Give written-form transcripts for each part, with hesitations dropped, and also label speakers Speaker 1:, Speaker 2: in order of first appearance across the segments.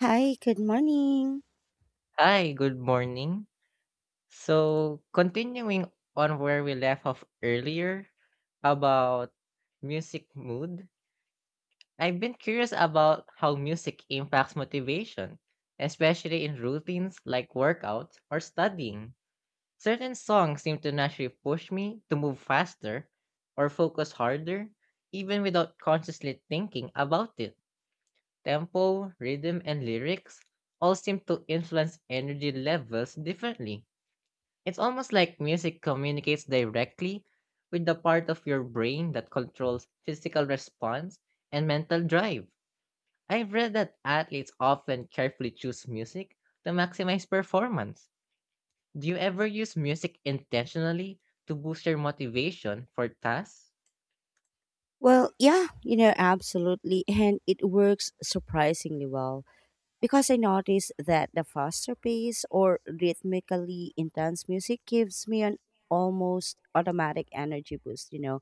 Speaker 1: Hi, good morning.
Speaker 2: Hi, good morning. So, continuing on where we left off earlier about music mood, I've been curious about how music impacts motivation, especially in routines like workouts or studying. Certain songs seem to naturally push me to move faster or focus harder, even without consciously thinking about it. Tempo, rhythm, and lyrics all seem to influence energy levels differently. It's almost like music communicates directly with the part of your brain that controls physical response and mental drive. I've read that athletes often carefully choose music to maximize performance. Do you ever use music intentionally to boost your motivation for tasks?
Speaker 1: Well, yeah, absolutely. And it works surprisingly well because I noticed that the faster pace or rhythmically intense music gives me an almost automatic energy boost.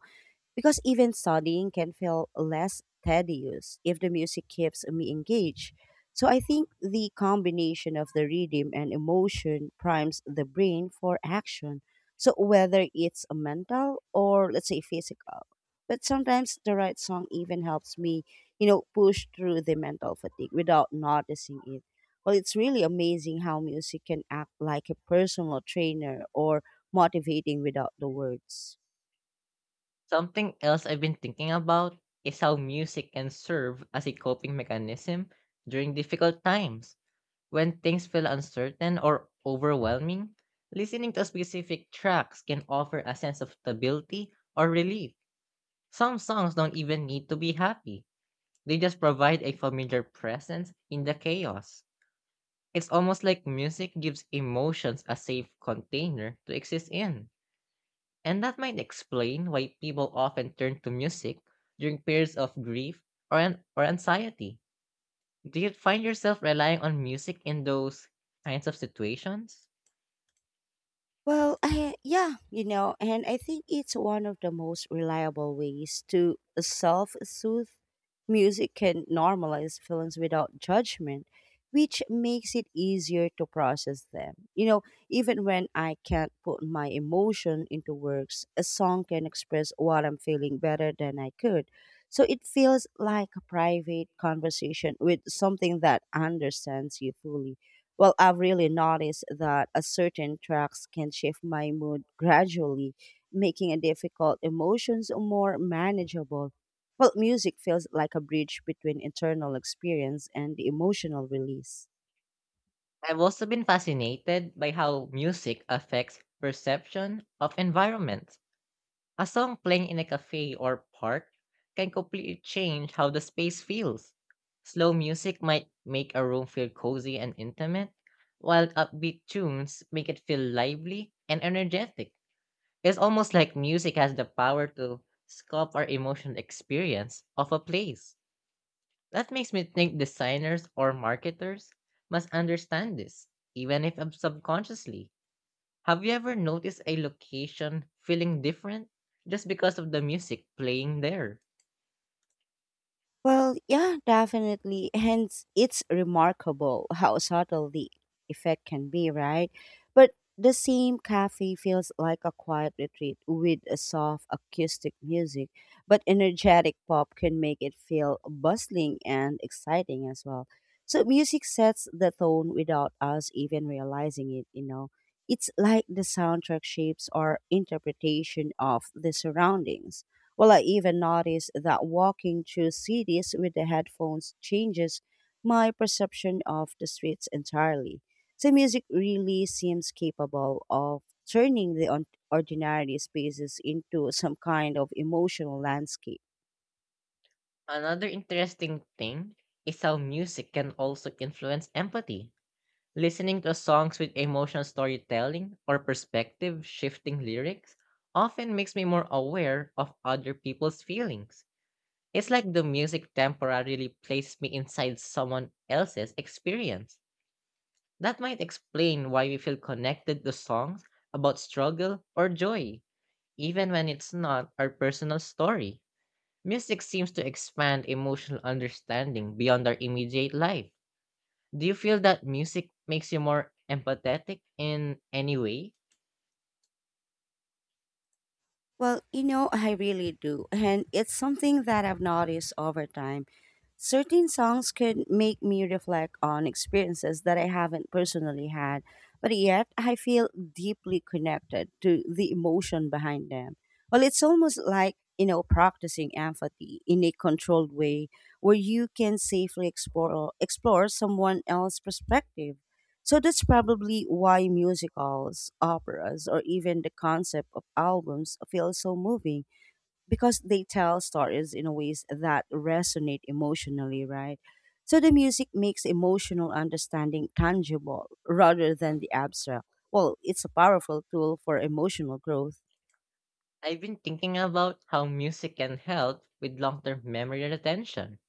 Speaker 1: Because even studying can feel less tedious if the music keeps me engaged. So I think the combination of the rhythm and emotion primes the brain for action. So whether it's a mental or let's say physical. But sometimes the right song even helps me, push through the mental fatigue without noticing it. Well, it's really amazing how music can act like a personal trainer or motivating without the words.
Speaker 2: Something else I've been thinking about is how music can serve as a coping mechanism during difficult times. When things feel uncertain or overwhelming, listening to specific tracks can offer a sense of stability or relief. Some songs don't even need to be happy, they just provide a familiar presence in the chaos. It's almost like music gives emotions a safe container to exist in. And that might explain why people often turn to music during periods of grief or, or anxiety. Do you find yourself relying on music in those kinds of situations?
Speaker 1: Well, yeah, and I think it's one of the most reliable ways to self soothe. Music can normalize feelings without judgment, which makes it easier to process them. Even when I can't put my emotion into words, a song can express what I'm feeling better than I could. So it feels like a private conversation with something that understands you fully. Well, I've really noticed that a certain tracks can shift my mood gradually, making a difficult emotions more manageable. Well, music feels like a bridge between internal experience and the emotional release.
Speaker 2: I've also been fascinated by how music affects perception of environment. A song playing in a cafe or park can completely change how the space feels. Slow music might make a room feel cozy and intimate, while upbeat tunes make it feel lively and energetic. It's almost like music has the power to sculpt our emotional experience of a place. That makes me think designers or marketers must understand this, even if subconsciously. Have you ever noticed a location feeling different just because of the music playing there?
Speaker 1: Well, yeah, definitely. Hence, it's remarkable how subtle the effect can be, right? But the same cafe feels like a quiet retreat with a soft acoustic music, but energetic pop can make it feel bustling and exciting as well. So, music sets the tone without us even realizing it. It's like the soundtrack shapes our interpretation of the surroundings. Well, I even noticed that walking through cities with the headphones changes my perception of the streets entirely. So, music really seems capable of turning the ordinary spaces into some kind of emotional landscape.
Speaker 2: Another interesting thing is how music can also influence empathy. Listening to songs with emotional storytelling or perspective shifting lyrics often makes me more aware of other people's feelings. It's like the music temporarily placed me inside someone else's experience. That might explain why we feel connected to songs about struggle or joy, even when it's not our personal story. Music seems to expand emotional understanding beyond our immediate life. Do you feel that music makes you more empathetic in any way?
Speaker 1: Well, I really do. And it's something that I've noticed over time. Certain songs could make me reflect on experiences that I haven't personally had, but yet I feel deeply connected to the emotion behind them. Well, it's almost like, practicing empathy in a controlled way where you can safely explore someone else's perspective. So that's probably why musicals, operas, or even the concept of albums feel so moving because they tell stories in ways that resonate emotionally, right? So the music makes emotional understanding tangible rather than the abstract. Well, it's a powerful tool for emotional growth.
Speaker 2: I've been thinking about how music can help with long term memory retention,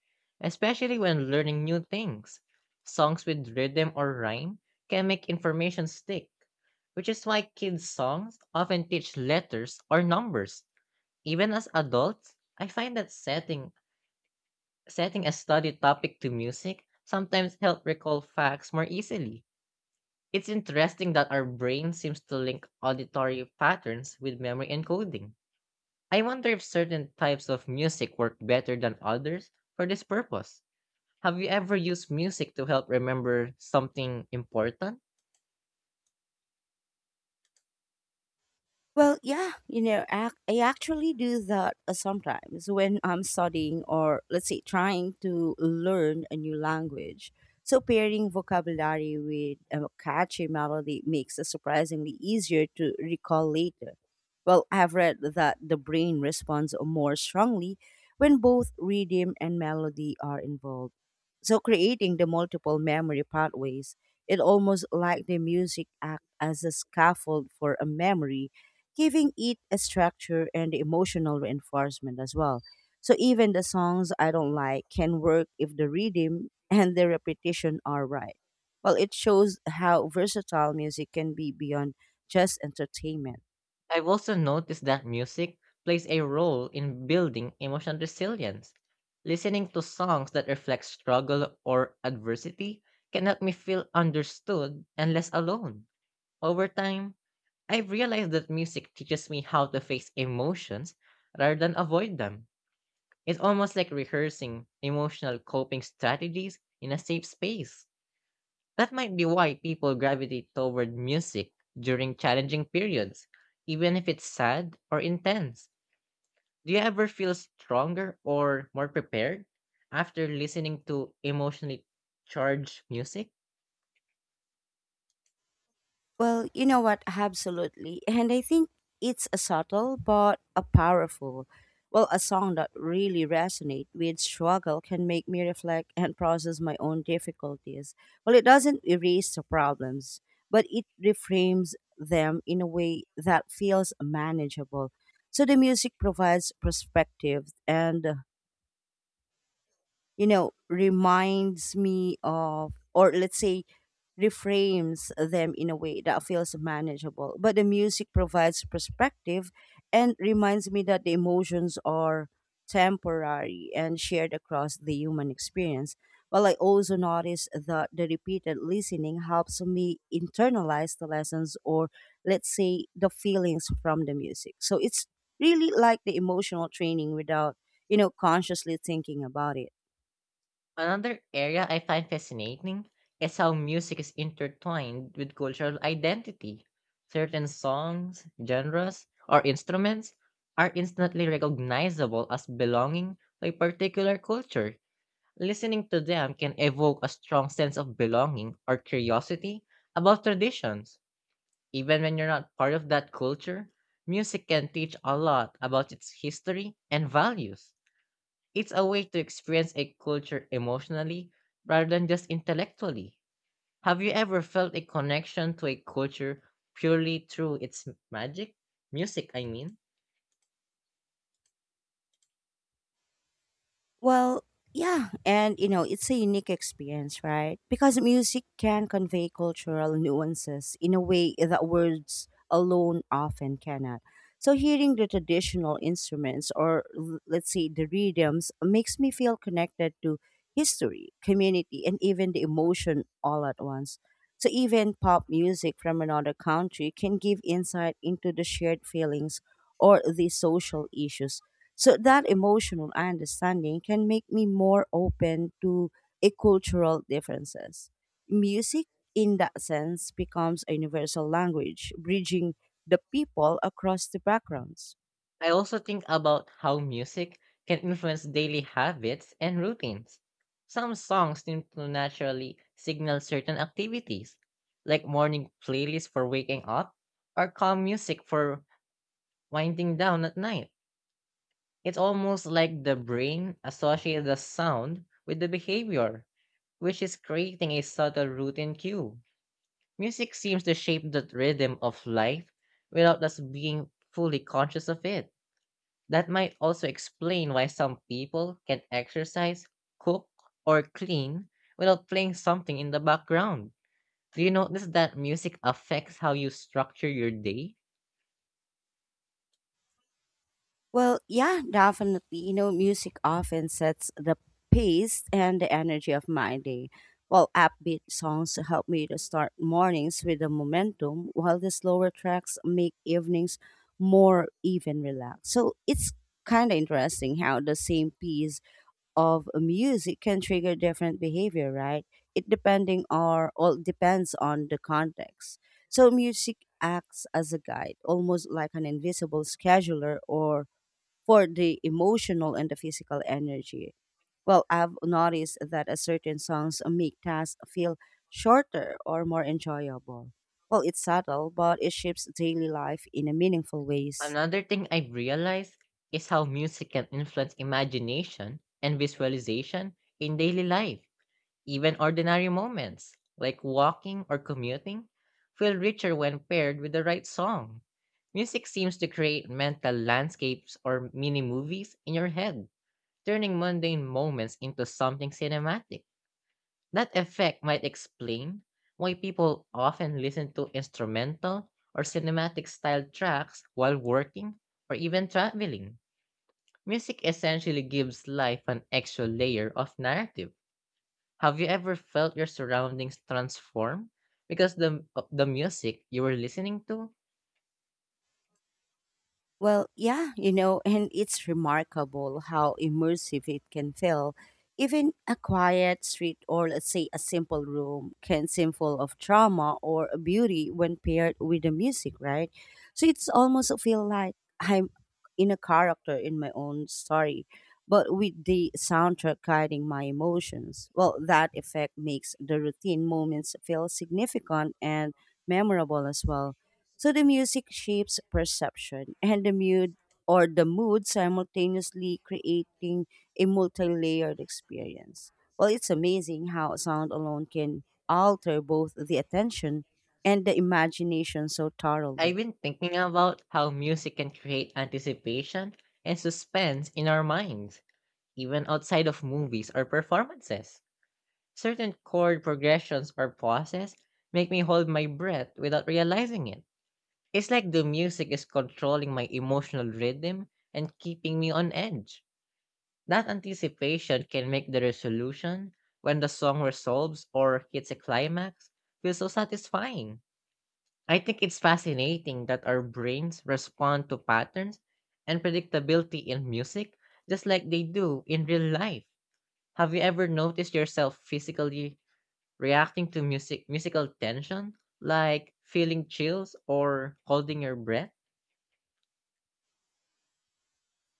Speaker 2: especially when learning new things. Songs with rhythm or rhyme can make information stick, which is why kids' songs often teach letters or numbers. Even as adults, I find that setting a study topic to music sometimes helps recall facts more easily. It's interesting that our brain seems to link auditory patterns with memory encoding. I wonder if certain types of music work better than others for this purpose. Have you ever used music to help remember something important?
Speaker 1: Well, yeah, I actually do that sometimes when I'm studying or let's say trying to learn a new language. So pairing vocabulary with a catchy melody makes it surprisingly easier to recall later. Well, I've read that the brain responds more strongly when both rhythm and melody are involved. So creating the multiple memory pathways, it almost like the music act as a scaffold for a memory giving it a structure and emotional reinforcement as well. So even the songs I don't like can work if the rhythm and the repetition are right. Well, it shows how versatile music can be beyond just entertainment.
Speaker 2: I've also noticed that music plays a role in building emotional resilience. Listening to songs that reflect struggle or adversity can help me feel understood and less alone. Over time, I've realized that music teaches me how to face emotions rather than avoid them. It's almost like rehearsing emotional coping strategies in a safe space. That might be why people gravitate toward music during challenging periods, even if it's sad or intense. Do you ever feel stronger or more prepared after listening to emotionally charged music?
Speaker 1: Well, you know what? Absolutely. And I think it's a subtle but a powerful. Well, a song that really resonate with struggle can make me reflect and process my own difficulties. Well, it doesn't erase the problems, but it reframes them in a way that feels manageable. So the music provides perspective and reminds me of, or let's say, reframes them in a way that feels manageable. But the music provides perspective and reminds me that the emotions are temporary and shared across the human experience. Well, I also notice that the repeated listening helps me internalize the lessons or, let's say, the feelings from the music. So it's really like the emotional training without, consciously thinking about it.
Speaker 2: Another area I find fascinating is how music is intertwined with cultural identity. Certain songs, genres, or instruments are instantly recognizable as belonging to a particular culture. Listening to them can evoke a strong sense of belonging or curiosity about traditions. Even when you're not part of that culture, music can teach a lot about its history and values. It's a way to experience a culture emotionally rather than just intellectually. Have you ever felt a connection to a culture purely through its magic? Music, I mean.
Speaker 1: Well, yeah, and it's a unique experience, right? Because music can convey cultural nuances in a way that words alone often cannot. So, hearing the traditional instruments or let's say the rhythms makes me feel connected to history, community, and even the emotion all at once. So, even pop music from another country can give insight into the shared feelings or the social issues so that emotional understanding can make me more open to a cultural differences. Music, in that sense, becomes a universal language, bridging the people across the backgrounds.
Speaker 2: I also think about how music can influence daily habits and routines. Some songs seem to naturally signal certain activities, like morning playlists for waking up or calm music for winding down at night. It's almost like the brain associates the sound with the behavior, which is creating a subtle routine cue. Music seems to shape the rhythm of life without us being fully conscious of it. That might also explain why some people can exercise, cook, or clean without playing something in the background. Do you notice that music affects how you structure your day?
Speaker 1: Well, yeah, definitely. Music often sets the pace and the energy of my day. While upbeat songs help me to start mornings with the momentum, while the slower tracks make evenings more even relaxed. So it's kind of interesting how the same piece of music can trigger different behavior, right? It depending or all depends on the context. So music acts as a guide, almost like an invisible scheduler or for the emotional and the physical energy. Well, I've noticed that a certain songs make tasks feel shorter or more enjoyable. Well, it's subtle, but it shapes daily life in a meaningful ways.
Speaker 2: Another thing I've realized is how music can influence imagination and visualization in daily life. Even ordinary moments, like walking or commuting, feel richer when paired with the right song. Music seems to create mental landscapes or mini movies in your head, turning mundane moments into something cinematic. That effect might explain why people often listen to instrumental or cinematic style tracks while working or even traveling. Music essentially gives life an extra layer of narrative. Have you ever felt your surroundings transform because the of the music you were listening to?
Speaker 1: Well, yeah, and it's remarkable how immersive it can feel. Even a quiet street or let's say a simple room can seem full of drama or beauty when paired with the music, right? So it's almost feel like I'm in a character in my own story, but with the soundtrack guiding my emotions. Well, that effect makes the routine moments feel significant and memorable as well. So the music shapes perception and the mood or the mood simultaneously creating a multi-layered experience. Well, it's amazing how sound alone can alter both the attention and the imagination so thoroughly.
Speaker 2: I've been thinking about how music can create anticipation and suspense in our minds, even outside of movies or performances. Certain chord progressions or pauses make me hold my breath without realizing it. It's like the music is controlling my emotional rhythm and keeping me on edge. That anticipation can make the resolution, when the song resolves or hits a climax, feel so satisfying. I think it's fascinating that our brains respond to patterns and predictability in music just like they do in real life. Have you ever noticed yourself physically reacting to music musical tension, like feeling chills or holding your breath?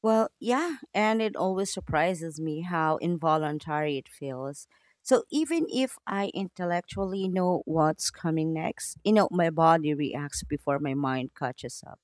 Speaker 1: Well, yeah, and it always surprises me how involuntary it feels. So even if I intellectually know what's coming next, my body reacts before my mind catches up.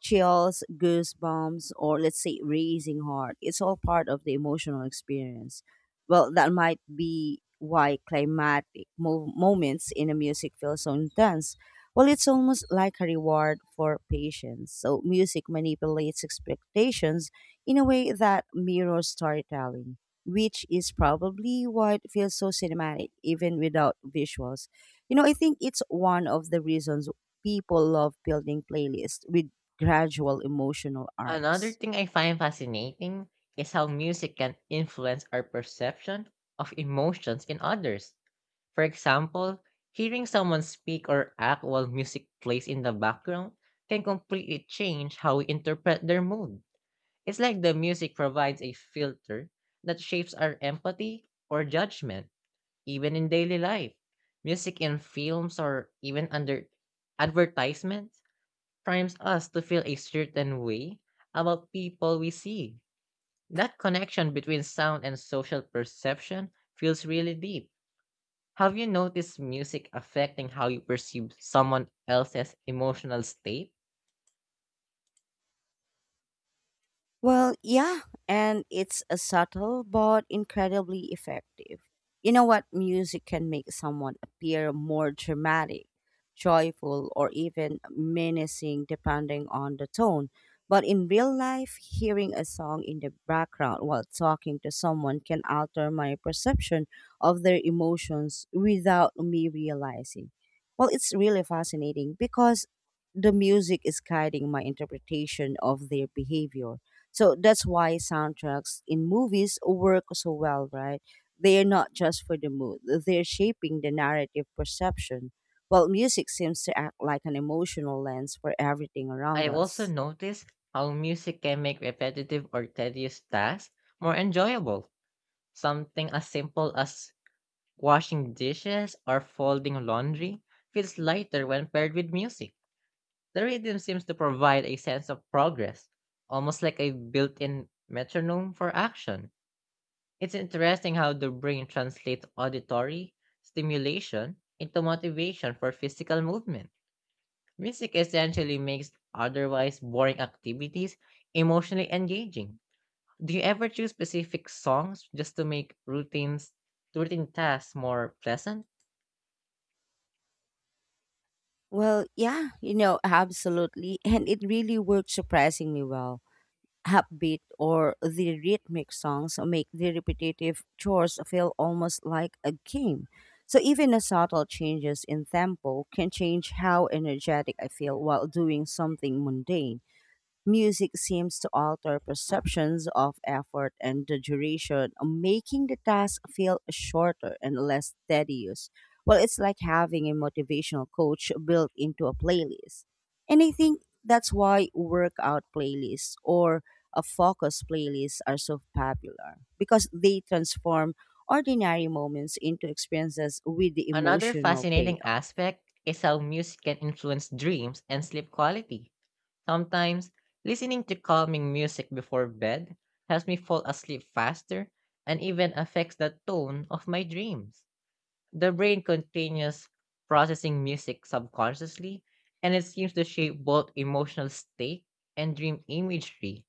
Speaker 1: Chills, goosebumps, or let's say raising heart. It's all part of the emotional experience. Well, that might be why climatic moments in a music feel so intense. Well, it's almost like a reward for patience. So music manipulates expectations in a way that mirrors storytelling, which is probably why it feels so cinematic, even without visuals. I think it's one of the reasons people love building playlists with gradual emotional
Speaker 2: Another
Speaker 1: arcs.
Speaker 2: thing I find fascinating is how music can influence our perception of emotions in others. For example, hearing someone speak or act while music plays in the background can completely change how we interpret their mood. It's like the music provides a filter that shapes our empathy or judgment, even in daily life. Music in films or even under advertisements primes us to feel a certain way about people we see. That connection between sound and social perception feels really deep. Have you noticed music affecting how you perceive someone else's emotional state?
Speaker 1: Well, yeah, and it's a subtle but incredibly effective. You know what? Music can make someone appear more dramatic, joyful, or even menacing depending on the tone. But in real life, hearing a song in the background while talking to someone can alter my perception of their emotions without me realizing. Well, it's really fascinating because the music is guiding my interpretation of their behavior so that's why soundtracks in movies work so well, right? They are not just for the mood, they're shaping the narrative perception, while music seems to act like an emotional lens for everything around
Speaker 2: I've also
Speaker 1: us.
Speaker 2: noticed how music can make repetitive or tedious tasks more enjoyable. Something as simple as washing dishes or folding laundry feels lighter when paired with music. The rhythm seems to provide a sense of progress, almost like a built in metronome for action. It's interesting how the brain translates auditory stimulation into motivation for physical movement. Music essentially makes otherwise boring activities emotionally engaging. Do you ever choose specific songs just to make routine tasks more pleasant?
Speaker 1: Well, yeah, absolutely. And it really worked surprisingly well upbeat or the rhythmic songs make the repetitive chores feel almost like a game. So even the subtle changes in tempo can change how energetic I feel while doing something mundane. Music seems to alter perceptions of effort and the duration, making the task feel shorter and less tedious. Well, it's like having a motivational coach built into a playlist. And I think that's why workout playlists or a focus playlist are so popular because they transform ordinary moments into experiences with the
Speaker 2: Another
Speaker 1: emotional
Speaker 2: fascinating
Speaker 1: payoff.
Speaker 2: aspect is how music can influence dreams and sleep quality. Sometimes, listening to calming music before bed helps me fall asleep faster and even affects the tone of my dreams. The brain continues processing music subconsciously, and it seems to shape both emotional state and dream imagery.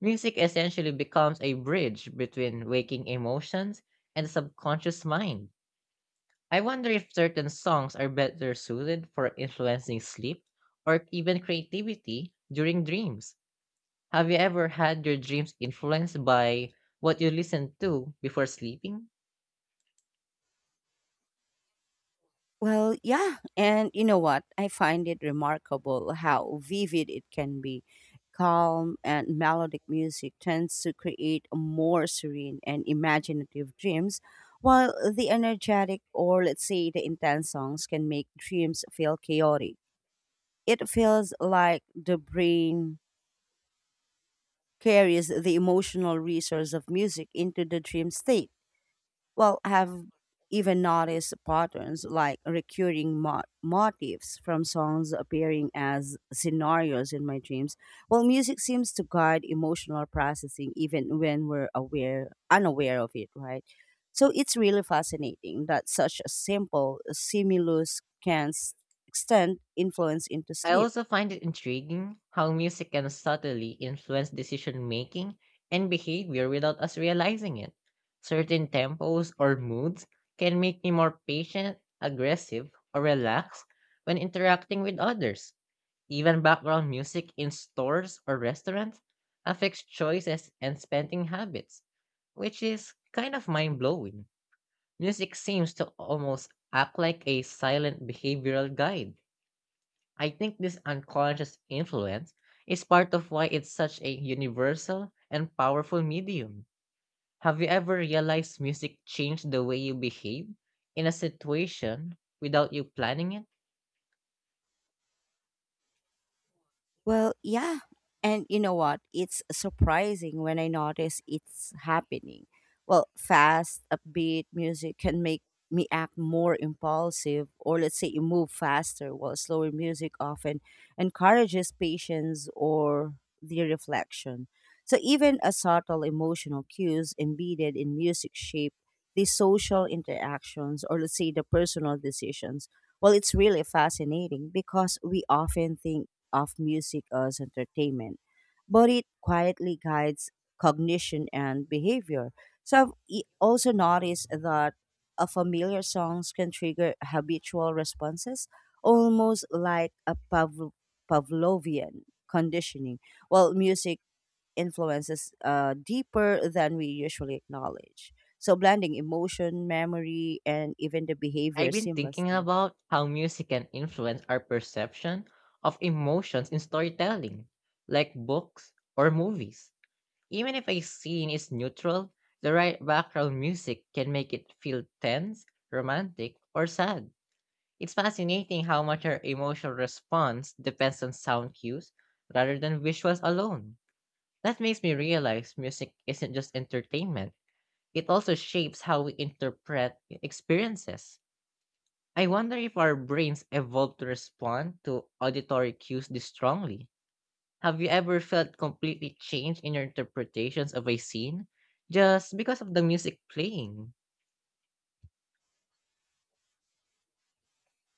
Speaker 2: Music essentially becomes a bridge between waking emotions and the subconscious mind. I wonder if certain songs are better suited for influencing sleep or even creativity during dreams. Have you ever had your dreams influenced by what you listen to before sleeping?
Speaker 1: Well, yeah. And you know what? I find it remarkable how vivid it can be. Calm and melodic music tends to create more serene and imaginative dreams, while the energetic or, let's say, the intense songs can make dreams feel chaotic. It feels like the brain carries the emotional resource of music into the dream state. Well, I have even noticed patterns like recurring motifs from songs appearing as scenarios in my dreams. Well, music seems to guide emotional processing even when we're aware, unaware of it, right? So it's really fascinating that such a simple stimulus can extend influence into
Speaker 2: I
Speaker 1: sleep.
Speaker 2: also find it intriguing how music can subtly influence decision making and behavior without us realizing it. Certain tempos or moods can make me more patient, aggressive, or relaxed when interacting with others. Even background music in stores or restaurants affects choices and spending habits, which is kind of mind blowing. Music seems to almost act like a silent behavioral guide. I think this unconscious influence is part of why it's such a universal and powerful medium. Have you ever realized music changed the way you behave in a situation without you planning it?
Speaker 1: Well, yeah. And you know what? It's surprising when I notice it's happening. Well, fast, upbeat music can make me act more impulsive, or let's say you move faster, while slower music often encourages patience or the reflection. So, even a subtle emotional cues embedded in music shape the social interactions, or let's say the personal decisions. Well, it's really fascinating because we often think of music as entertainment, but it quietly guides cognition and behavior. So I've also noticed that a familiar songs can trigger habitual responses, almost like a Pavlovian conditioning. While music influences deeper than we usually acknowledge. So, blending emotion, memory, and even the behavior
Speaker 2: I've been thinking
Speaker 1: seamlessly.
Speaker 2: about how music can influence our perception of emotions in storytelling, like books or movies. Even if a scene is neutral, the right background music can make it feel tense, romantic, or sad. It's fascinating how much our emotional response depends on sound cues rather than visuals alone. That makes me realize music isn't just entertainment, it also shapes how we interpret experiences. I wonder if our brains evolved to respond to auditory cues this strongly. Have you ever felt completely changed in your interpretations of a scene just because of the music playing?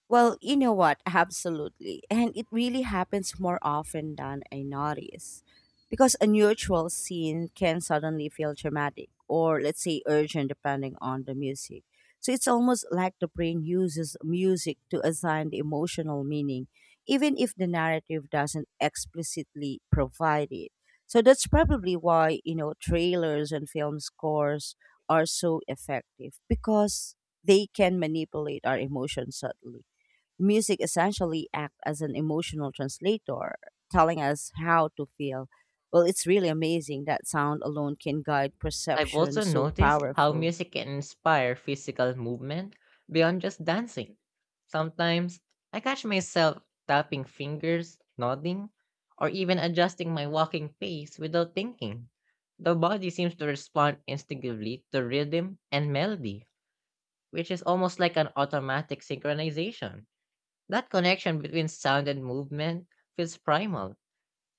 Speaker 1: Well, you know what? Absolutely. And it really happens more often than I notice. Because a neutral scene can suddenly feel dramatic or, let's say, urgent depending on the music. So it's almost like the brain uses music to assign the emotional meaning, even if the narrative doesn't explicitly provide it. So that's probably why, trailers and film scores are so effective because they can manipulate our emotions subtly. Music essentially act as an emotional translator, telling us how to feel. Well, it's really amazing that sound alone can guide
Speaker 2: I've
Speaker 1: perception
Speaker 2: also
Speaker 1: so
Speaker 2: noticed how
Speaker 1: powerful.
Speaker 2: music can inspire physical movement beyond just dancing. Sometimes I catch myself tapping fingers, nodding, or even adjusting my walking pace without thinking. The body seems to respond instinctively to rhythm and melody, which is almost like an automatic synchronization. That connection between sound and movement feels primal,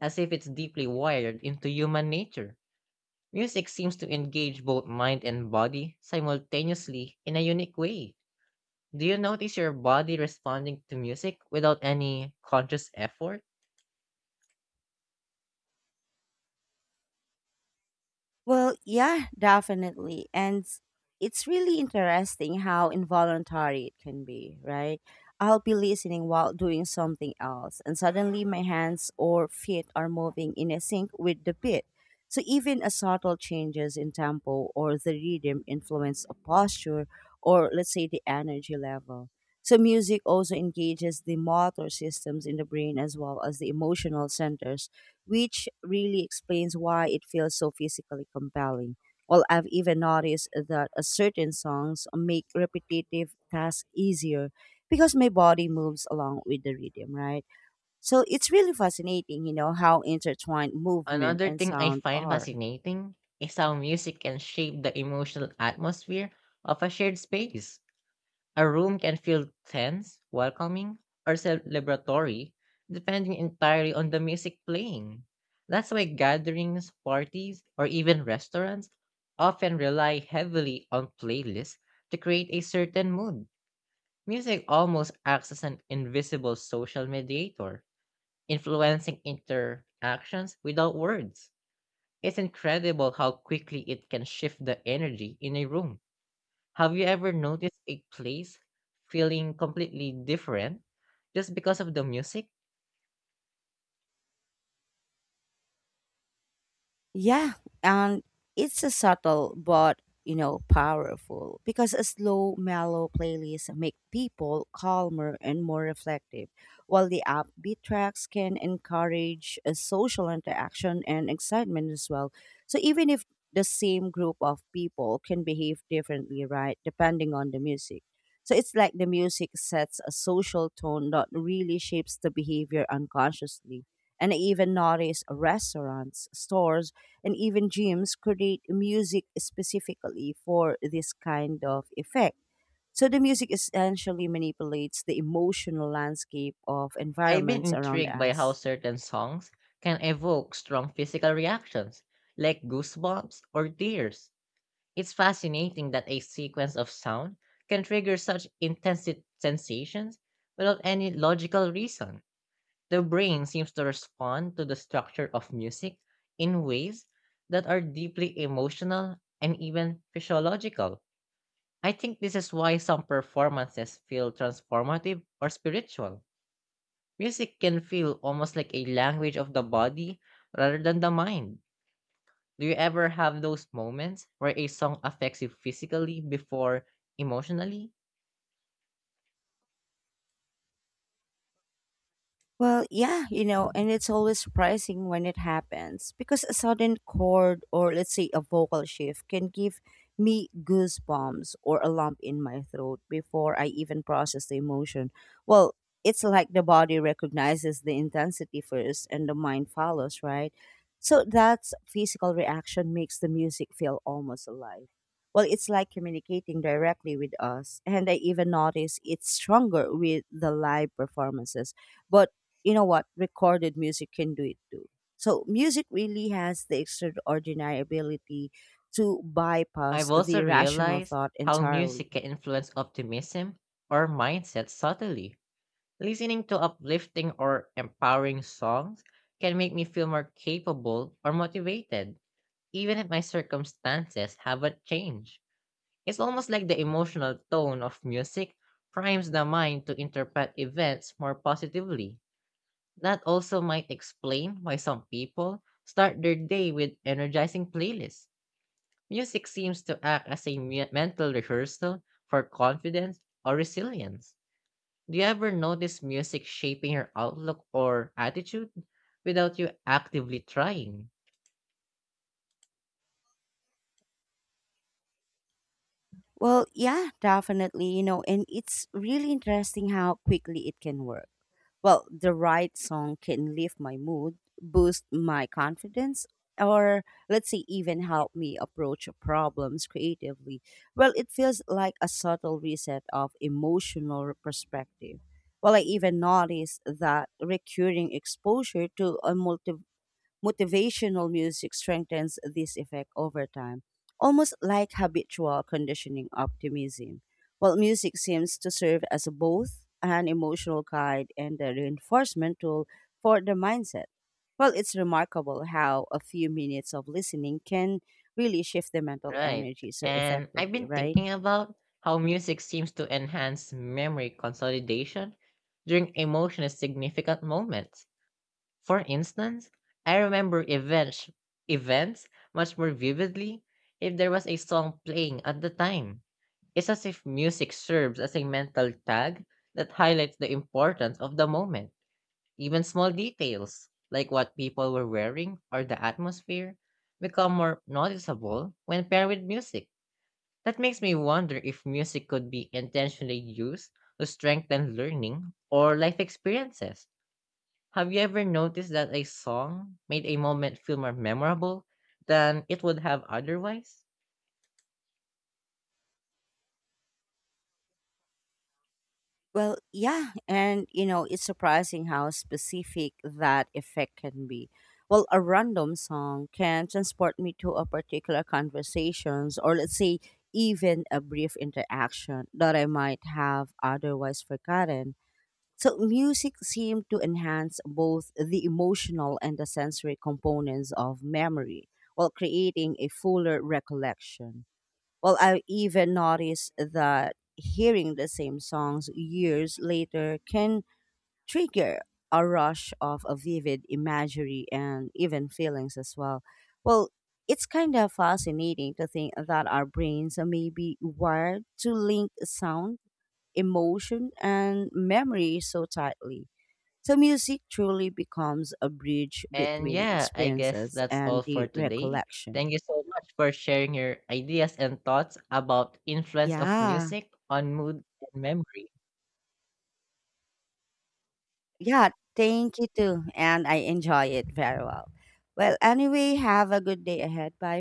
Speaker 2: as if it's deeply wired into human nature. Music seems to engage both mind and body simultaneously in a unique way. Do you notice your body responding to music without any conscious effort?
Speaker 1: Well, yeah, definitely. It's really interesting how involuntary it can be, right? I'll be listening while doing something else, and suddenly my hands or feet are moving in a sync with the beat. So even a subtle changes in tempo or the rhythm influence a posture, or let's say the energy level. So music also engages the motor systems in the brain as well as the emotional centers, which really explains why it feels so physically compelling. Well, I've even noticed that a certain songs make repetitive tasks easier because my body moves along with the rhythm, right? So it's really fascinating, how intertwined movement
Speaker 2: Another
Speaker 1: and
Speaker 2: thing I
Speaker 1: sound
Speaker 2: find
Speaker 1: are.
Speaker 2: fascinating is how music can shape the emotional atmosphere of a shared space. A room can feel tense, welcoming, or celebratory, depending entirely on the music playing. That's why gatherings, parties, or even restaurants often rely heavily on playlists to create a certain mood. Music almost acts as an invisible social mediator, influencing interactions without words. It's incredible how quickly it can shift the energy in a room. Have you ever noticed a place feeling completely different just because of the music?
Speaker 1: Yeah, and it's a subtle but powerful, because a slow, mellow playlist make people calmer and more reflective, while the upbeat tracks can encourage a social interaction and excitement as well. So even if the same group of people can behave differently, right, depending on the music. So it's like the music sets a social tone that really shapes the behavior unconsciously, and I even noticed restaurants, stores, and even gyms create music specifically for this kind of effect. So the music essentially manipulates the emotional landscape of
Speaker 2: I've been
Speaker 1: environments around
Speaker 2: intrigued by how
Speaker 1: us.
Speaker 2: certain songs can evoke strong physical reactions, like goosebumps or tears. It's fascinating that a sequence of sound can trigger such intense sensations without any logical reason. The brain seems to respond to the structure of music in ways that are deeply emotional and even physiological. I think this is why some performances feel transformative or spiritual. Music can feel almost like a language of the body rather than the mind. Do you ever have those moments where a song affects you physically before emotionally?
Speaker 1: Well, yeah, you know, and it's always surprising when it happens, because a sudden chord, or let's say a vocal shift, can give me goosebumps or a lump in my throat before I even process the emotion. Well, it's like the body recognizes the intensity first and the mind follows, right? So that physical reaction makes the music feel almost alive. Well, it's like communicating directly with us, and I even notice it's stronger with the live performances. But you know what, recorded music can do it too, so music really has the extraordinary ability to
Speaker 2: I've
Speaker 1: bypass
Speaker 2: also
Speaker 1: the rational
Speaker 2: realized
Speaker 1: thought
Speaker 2: how music
Speaker 1: entirely.
Speaker 2: can influence optimism or mindset subtly. Listening to uplifting or empowering songs can make me feel more capable or motivated, even if my circumstances haven't changed. It's almost like the emotional tone of music primes the mind to interpret events more positively. That also might explain why some people start their day with energizing playlists. Music seems to act as a mental rehearsal for confidence or resilience. Do you ever notice music shaping your outlook or attitude without you actively trying?
Speaker 1: Well, yeah, definitely. You know, and it's really interesting how quickly it can work. Well, the right song can lift my mood, boost my confidence, or let's say even help me approach problems creatively. Well, it feels like a subtle reset of emotional perspective. Well, I even noticed that recurring exposure to a multiverse motivational music strengthens this effect over time, almost like habitual conditioning optimism. While music seems to serve as both an emotional guide and a reinforcement tool for the mindset. Well, it's remarkable how a few minutes of listening can really shift the mental
Speaker 2: Right.
Speaker 1: energy so
Speaker 2: And I've
Speaker 1: effectively,
Speaker 2: been
Speaker 1: right?
Speaker 2: thinking about how music seems to enhance memory consolidation during emotionally significant moments. For instance, I remember events much more vividly if there was a song playing at the time. It's as if music serves as a mental tag that highlights the importance of the moment. Even small details, like what people were wearing or the atmosphere, become more noticeable when paired with music. That makes me wonder if music could be intentionally used to strengthen learning or life experiences. Have you ever noticed that a song made a moment feel more memorable than it would have otherwise?
Speaker 1: Well, yeah, and you know, it's surprising how specific that effect can be. Well, a random song can transport me to a particular conversations, or let's say even a brief interaction that I might have otherwise forgotten. So music seemed to enhance both the emotional and the sensory components of memory, while creating a fuller recollection. Well, I even noticed that hearing the same songs years later can trigger a rush of a vivid imagery and even feelings as well. Well, it's kind of fascinating to think that our brains are maybe wired to link sound, emotion, and memory so tightly. So, music truly becomes a bridge
Speaker 2: And
Speaker 1: between
Speaker 2: yeah, I guess
Speaker 1: experiences
Speaker 2: that's all
Speaker 1: and
Speaker 2: for
Speaker 1: the
Speaker 2: today. Thank
Speaker 1: recollection.
Speaker 2: you so much for sharing your ideas and thoughts about influence of
Speaker 1: Yeah.
Speaker 2: music on mood and memory.
Speaker 1: Yeah, thank you too. And I enjoy it very well. Well, anyway, have a good day ahead. Bye